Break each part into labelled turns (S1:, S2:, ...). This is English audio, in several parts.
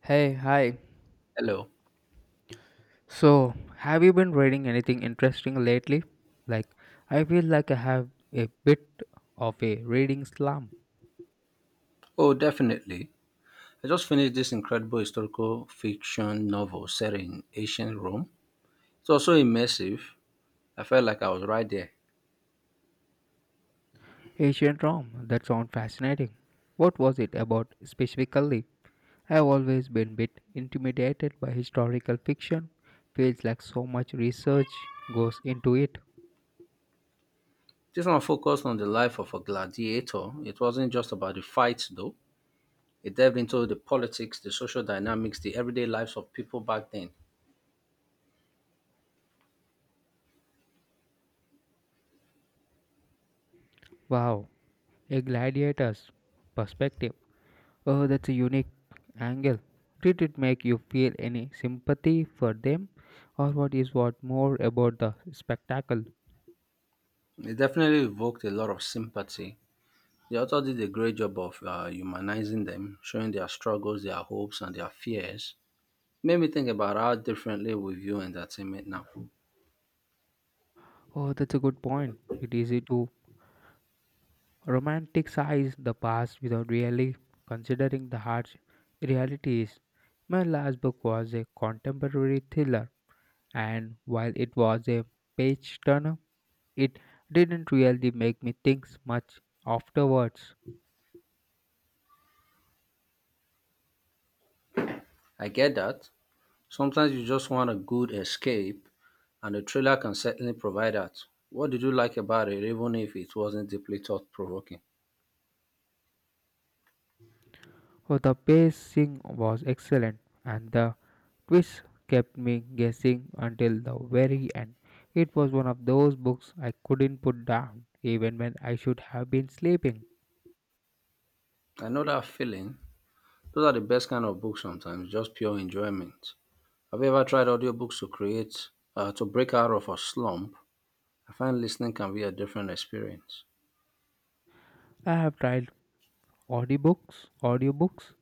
S1: Hey, hi.
S2: Hello.
S1: So, have you been reading anything interesting lately? Like, I feel like I have a bit of a reading slump.
S2: Oh, definitely. I just finished this incredible historical fiction novel set in ancient Rome. It was so immersive. I felt like I was right there.
S1: Ancient Rome, that sounds fascinating. What was it about specifically? I've always been a bit intimidated by historical fiction. Feels like so much research goes into it.
S2: This one focused on the life of a gladiator. It wasn't just about the fights, though. It delved into the politics, the social dynamics, the everyday lives of people back then.
S1: Wow, a gladiator's perspective. Oh, that's a unique angle. Did it make you feel any sympathy for them, or what more about the spectacle?
S2: It definitely evoked a lot of sympathy. The author did a great job of humanizing them, showing their struggles, their hopes, and their fears. Made me think about how differently we view entertainment now.
S1: Oh, that's a good point. It is easy to romanticize the past without really considering the harsh realities. My last book was a contemporary thriller, and while it was a page turner, it didn't really make me think much afterwards.
S2: I get that. Sometimes you just want a good escape, and a trailer can certainly provide that. What did you like about it, even if it wasn't deeply thought provoking?
S1: Oh, the pacing was excellent, and the twist kept me guessing until the very end. It was one of those books I couldn't put down, even when I should have been sleeping.
S2: I know that feeling. Those are the best kind of books sometimes, just pure enjoyment. Have you ever tried audiobooks to create, to break out of a slump? I find listening can be a different experience.
S1: I have tried audiobooks,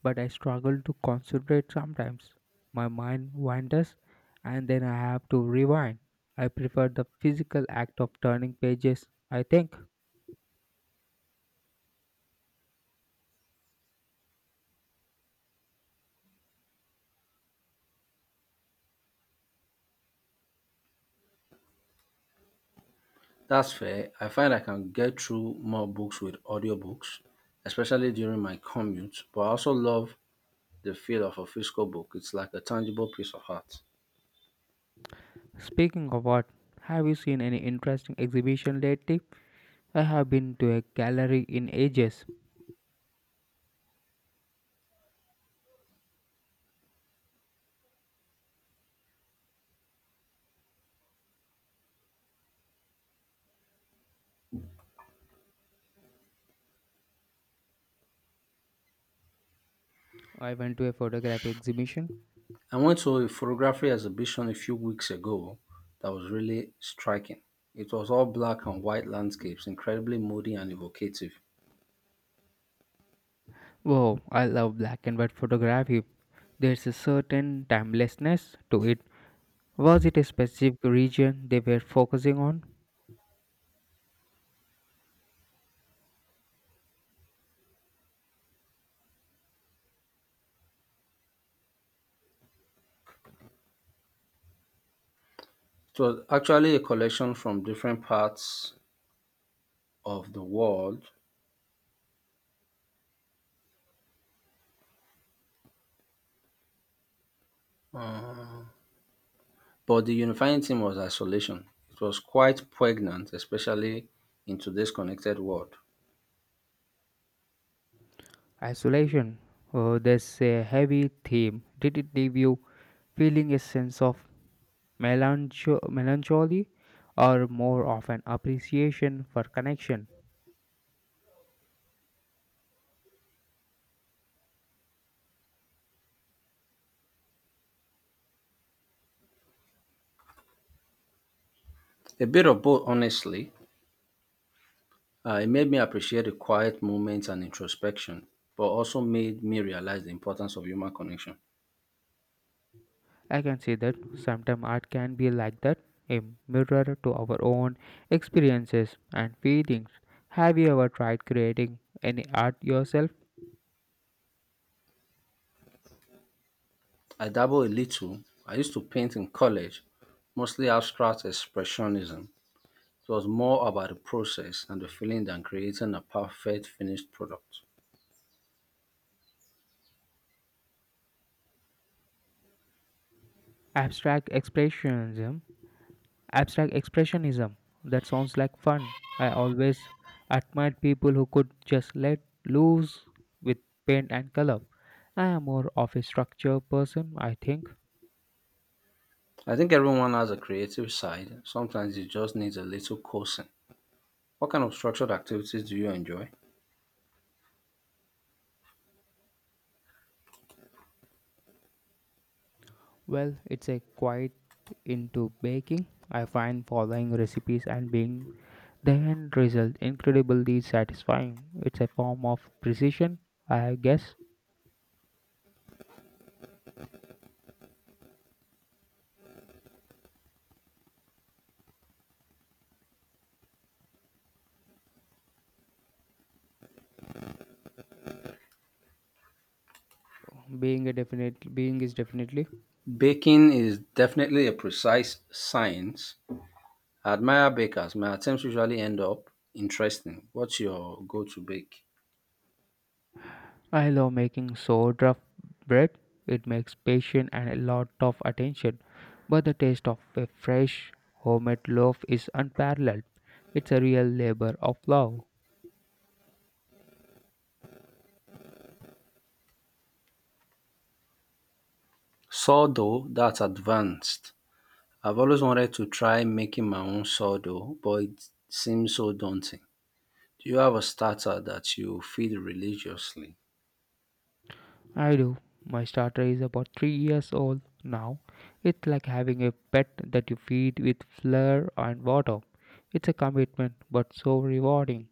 S1: but I struggle to concentrate sometimes. My mind wanders, and then I have to rewind. I prefer the physical act of turning pages, I think.
S2: That's fair. I find I can get through more books with audiobooks, especially during my commute, but I also love the feel of a physical book. It's like a tangible piece of art.
S1: Speaking of what, have you seen any interesting exhibition lately? I have been to a gallery in ages. I went to a photography exhibition.
S2: I went to a photography exhibition a few weeks ago that was really striking. It was all black and white landscapes, incredibly moody and evocative.
S1: Wow, I love black and white photography. There's a certain timelessness to it. Was it a specific region they were focusing on?
S2: It was actually a collection from different parts of the world, uh, but the unifying theme was isolation. It was quite poignant, especially in today's connected world.
S1: Isolation. Oh, there's a heavy theme. Did it leave you feeling a sense of melancholy or more of an appreciation for connection?
S2: A bit of both, honestly. It made me appreciate the quiet moments and introspection, but also made me realize the importance of human connection.
S1: I can see that sometimes art can be like that, a mirror to our own experiences and feelings. Have you ever tried creating any art yourself?
S2: I dabble a little. I used to paint in college, mostly abstract expressionism. It was more about the process and the feeling than creating a perfect finished product.
S1: Abstract expressionism Abstract expressionism. That sounds like fun. I always admired people who could just let loose with paint and color. I am more of a structure person, I think.
S2: I think everyone has a creative side. Sometimes it just needs a little coaxing. What kind of structured activities do you enjoy?
S1: Well, it's a quite into baking. I find following recipes and being the end result incredibly satisfying. It's a form of precision, I guess. Being a definite being is definitely.
S2: Baking is definitely a precise science. I admire bakers. My attempts usually end up interesting. What's your go to bake?
S1: I love making sourdough bread. It makes patience and a lot of attention, but the taste of a fresh homemade loaf is unparalleled. It's a real labor of love.
S2: Sourdough, that's advanced. I've always wanted to try making my own sourdough, but it seems so daunting. Do you have a starter that you feed religiously?
S1: I do. My starter is about 3 years old now. It's like having a pet that you feed with flour and water. It's a commitment, but so rewarding.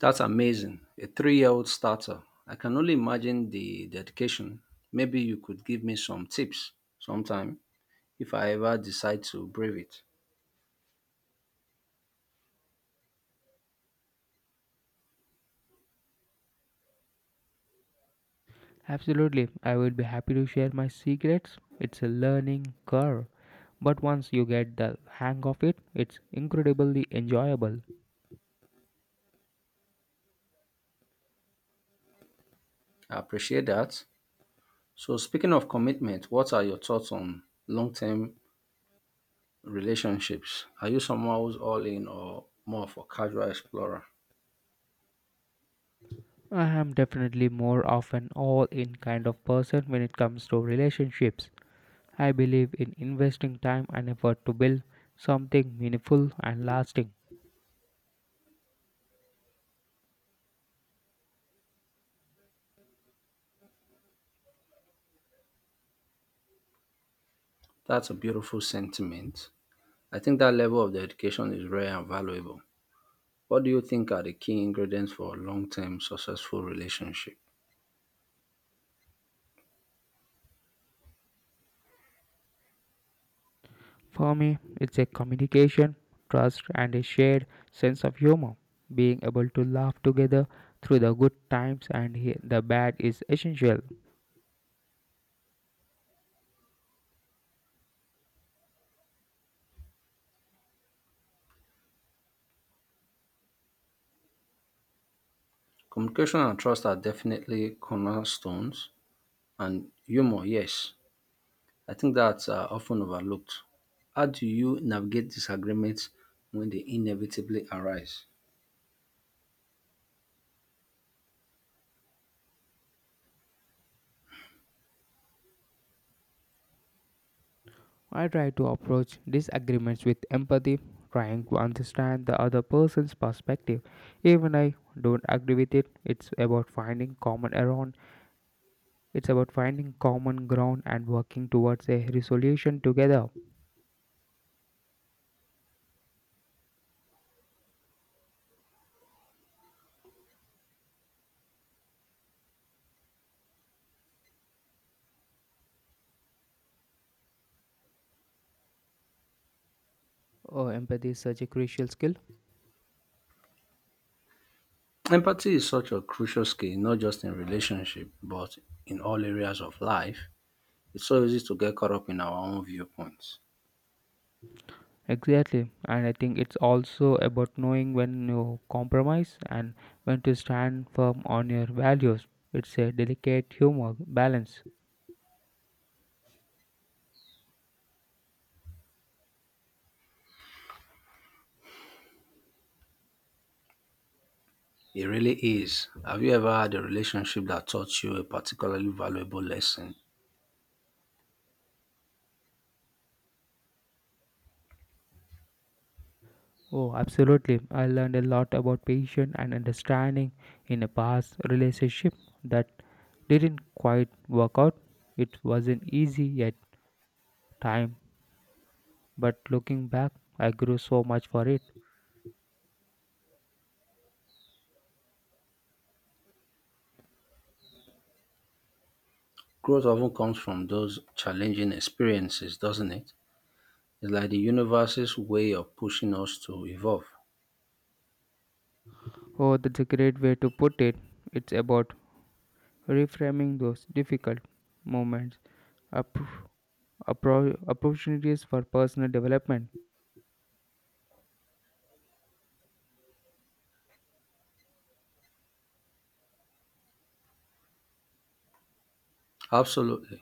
S2: That's amazing. A 3 year old starter. I can only imagine the dedication. Maybe you could give me some tips sometime if I ever decide to brave it.
S1: Absolutely, I would be happy to share my secrets. It's a learning curve, but once you get the hang of it, it's incredibly enjoyable.
S2: I appreciate that. So speaking of commitment, what are your thoughts on long-term relationships? Are you someone who's all in or more of a casual explorer?
S1: I am definitely more of an all in kind of person when it comes to relationships. I believe in investing time and effort to build something meaningful and lasting.
S2: That's a beautiful sentiment. I think that level of dedication is rare and valuable. What do you think are the key ingredients for a long-term successful relationship?
S1: For me, it's a communication, trust, and a shared sense of humor. Being able to laugh together through the good times and the bad is essential.
S2: Communication and trust are definitely cornerstones, and humor, yes. I think that's often overlooked. How do you navigate disagreements when they inevitably arise?
S1: I try to approach disagreements with empathy, trying to understand the other person's perspective. Even I don't agree with it. It's about finding common ground and working towards a resolution together. Oh, empathy is such a crucial skill.
S2: Empathy is such a crucial skill, not just in relationship, but in all areas of life. It's so easy to get caught up in our own viewpoints.
S1: Exactly, and I think it's also about knowing when you compromise and when to stand firm on your values. It's a delicate humor balance.
S2: It really is. Have you ever had a relationship that taught you a particularly valuable lesson?
S1: Oh, absolutely. I learned a lot about patience and understanding in a past relationship that didn't quite work out. It wasn't easy at time, but looking back, I grew so much for it.
S2: Growth often comes from those challenging experiences, doesn't it? It's like the universe's way of pushing us to evolve.
S1: Oh, that's a great way to put it. It's about reframing those difficult moments, up, opportunities for personal development.
S2: Absolutely.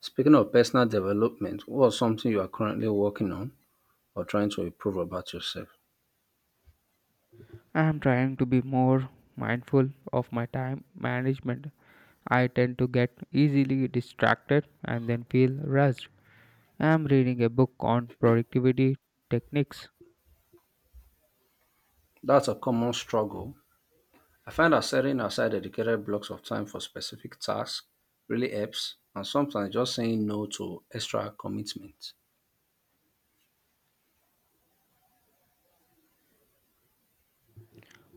S2: Speaking of personal development, what's something you are currently working on or trying to improve about yourself?
S1: I am trying to be more mindful of my time management. I tend to get easily distracted and then feel rushed. I am reading a book on productivity techniques.
S2: That's a common struggle. I find that setting aside dedicated blocks of time for specific tasks really helps, and sometimes just saying no to extra commitments.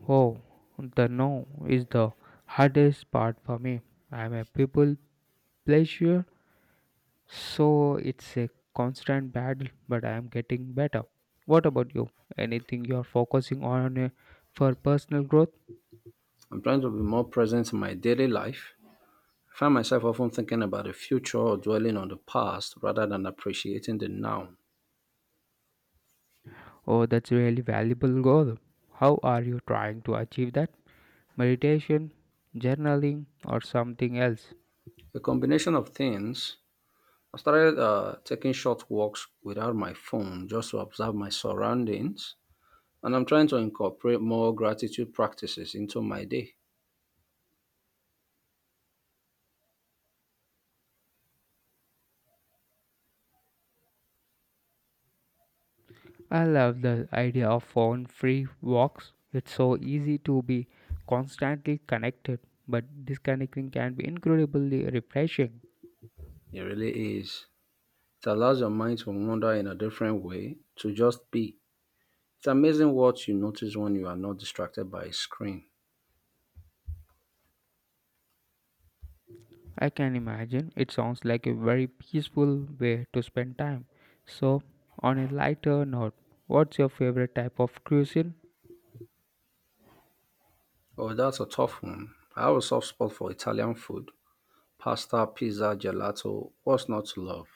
S1: Oh, the no is the hardest part for me. I am a people pleasure, so it's a constant battle, but I am getting better. What about you? Anything you are focusing on for personal growth?
S2: I'm trying to be more present in my daily life. I find myself often thinking about the future or dwelling on the past rather than appreciating the now.
S1: Oh, that's a really valuable goal. How are you trying to achieve that? Meditation, journaling, or something else?
S2: A combination of things. I started taking short walks without my phone just to observe my surroundings, and I'm trying to incorporate more gratitude practices into my day.
S1: I love the idea of phone free walks. It's so easy to be constantly connected, but disconnecting can be incredibly refreshing.
S2: It really is. It allows your mind to wander in a different way, to just be. It's amazing what you notice when you are not distracted by a screen.
S1: I can imagine it sounds like a very peaceful way to spend time. So, on a lighter note, what's your favorite type of cuisine?
S2: Oh, that's a tough one. I have a soft spot for Italian food, pasta, pizza, gelato. What's not to love?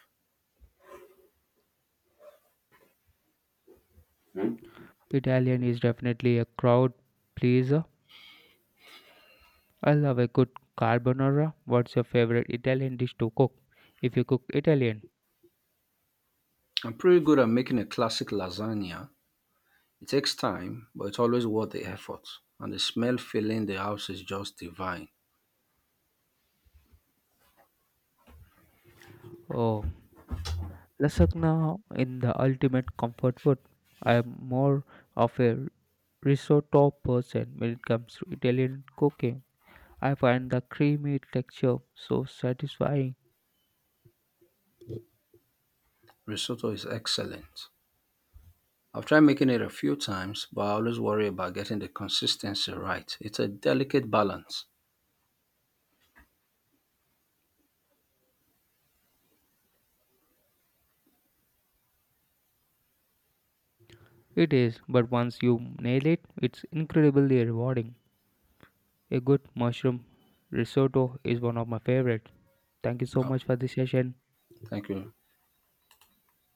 S1: Italian is definitely a crowd pleaser. I love a good carbonara. What's your favorite Italian dish to cook? If you cook Italian,
S2: I'm pretty good at making a classic lasagna. It takes time, but it's always worth the effort. And the smell filling the house is just divine.
S1: oh, lasagna in the ultimate comfort food. I am more of a risotto person when it comes to Italian cooking. I find the creamy texture so satisfying.
S2: Risotto is excellent. I've tried making it a few times, but I always worry about getting the consistency right. It's a delicate balance.
S1: It is, but once you nail it, it's incredibly rewarding. A good mushroom risotto is one of my favorites. Thank you so much for this session.
S2: Thank you.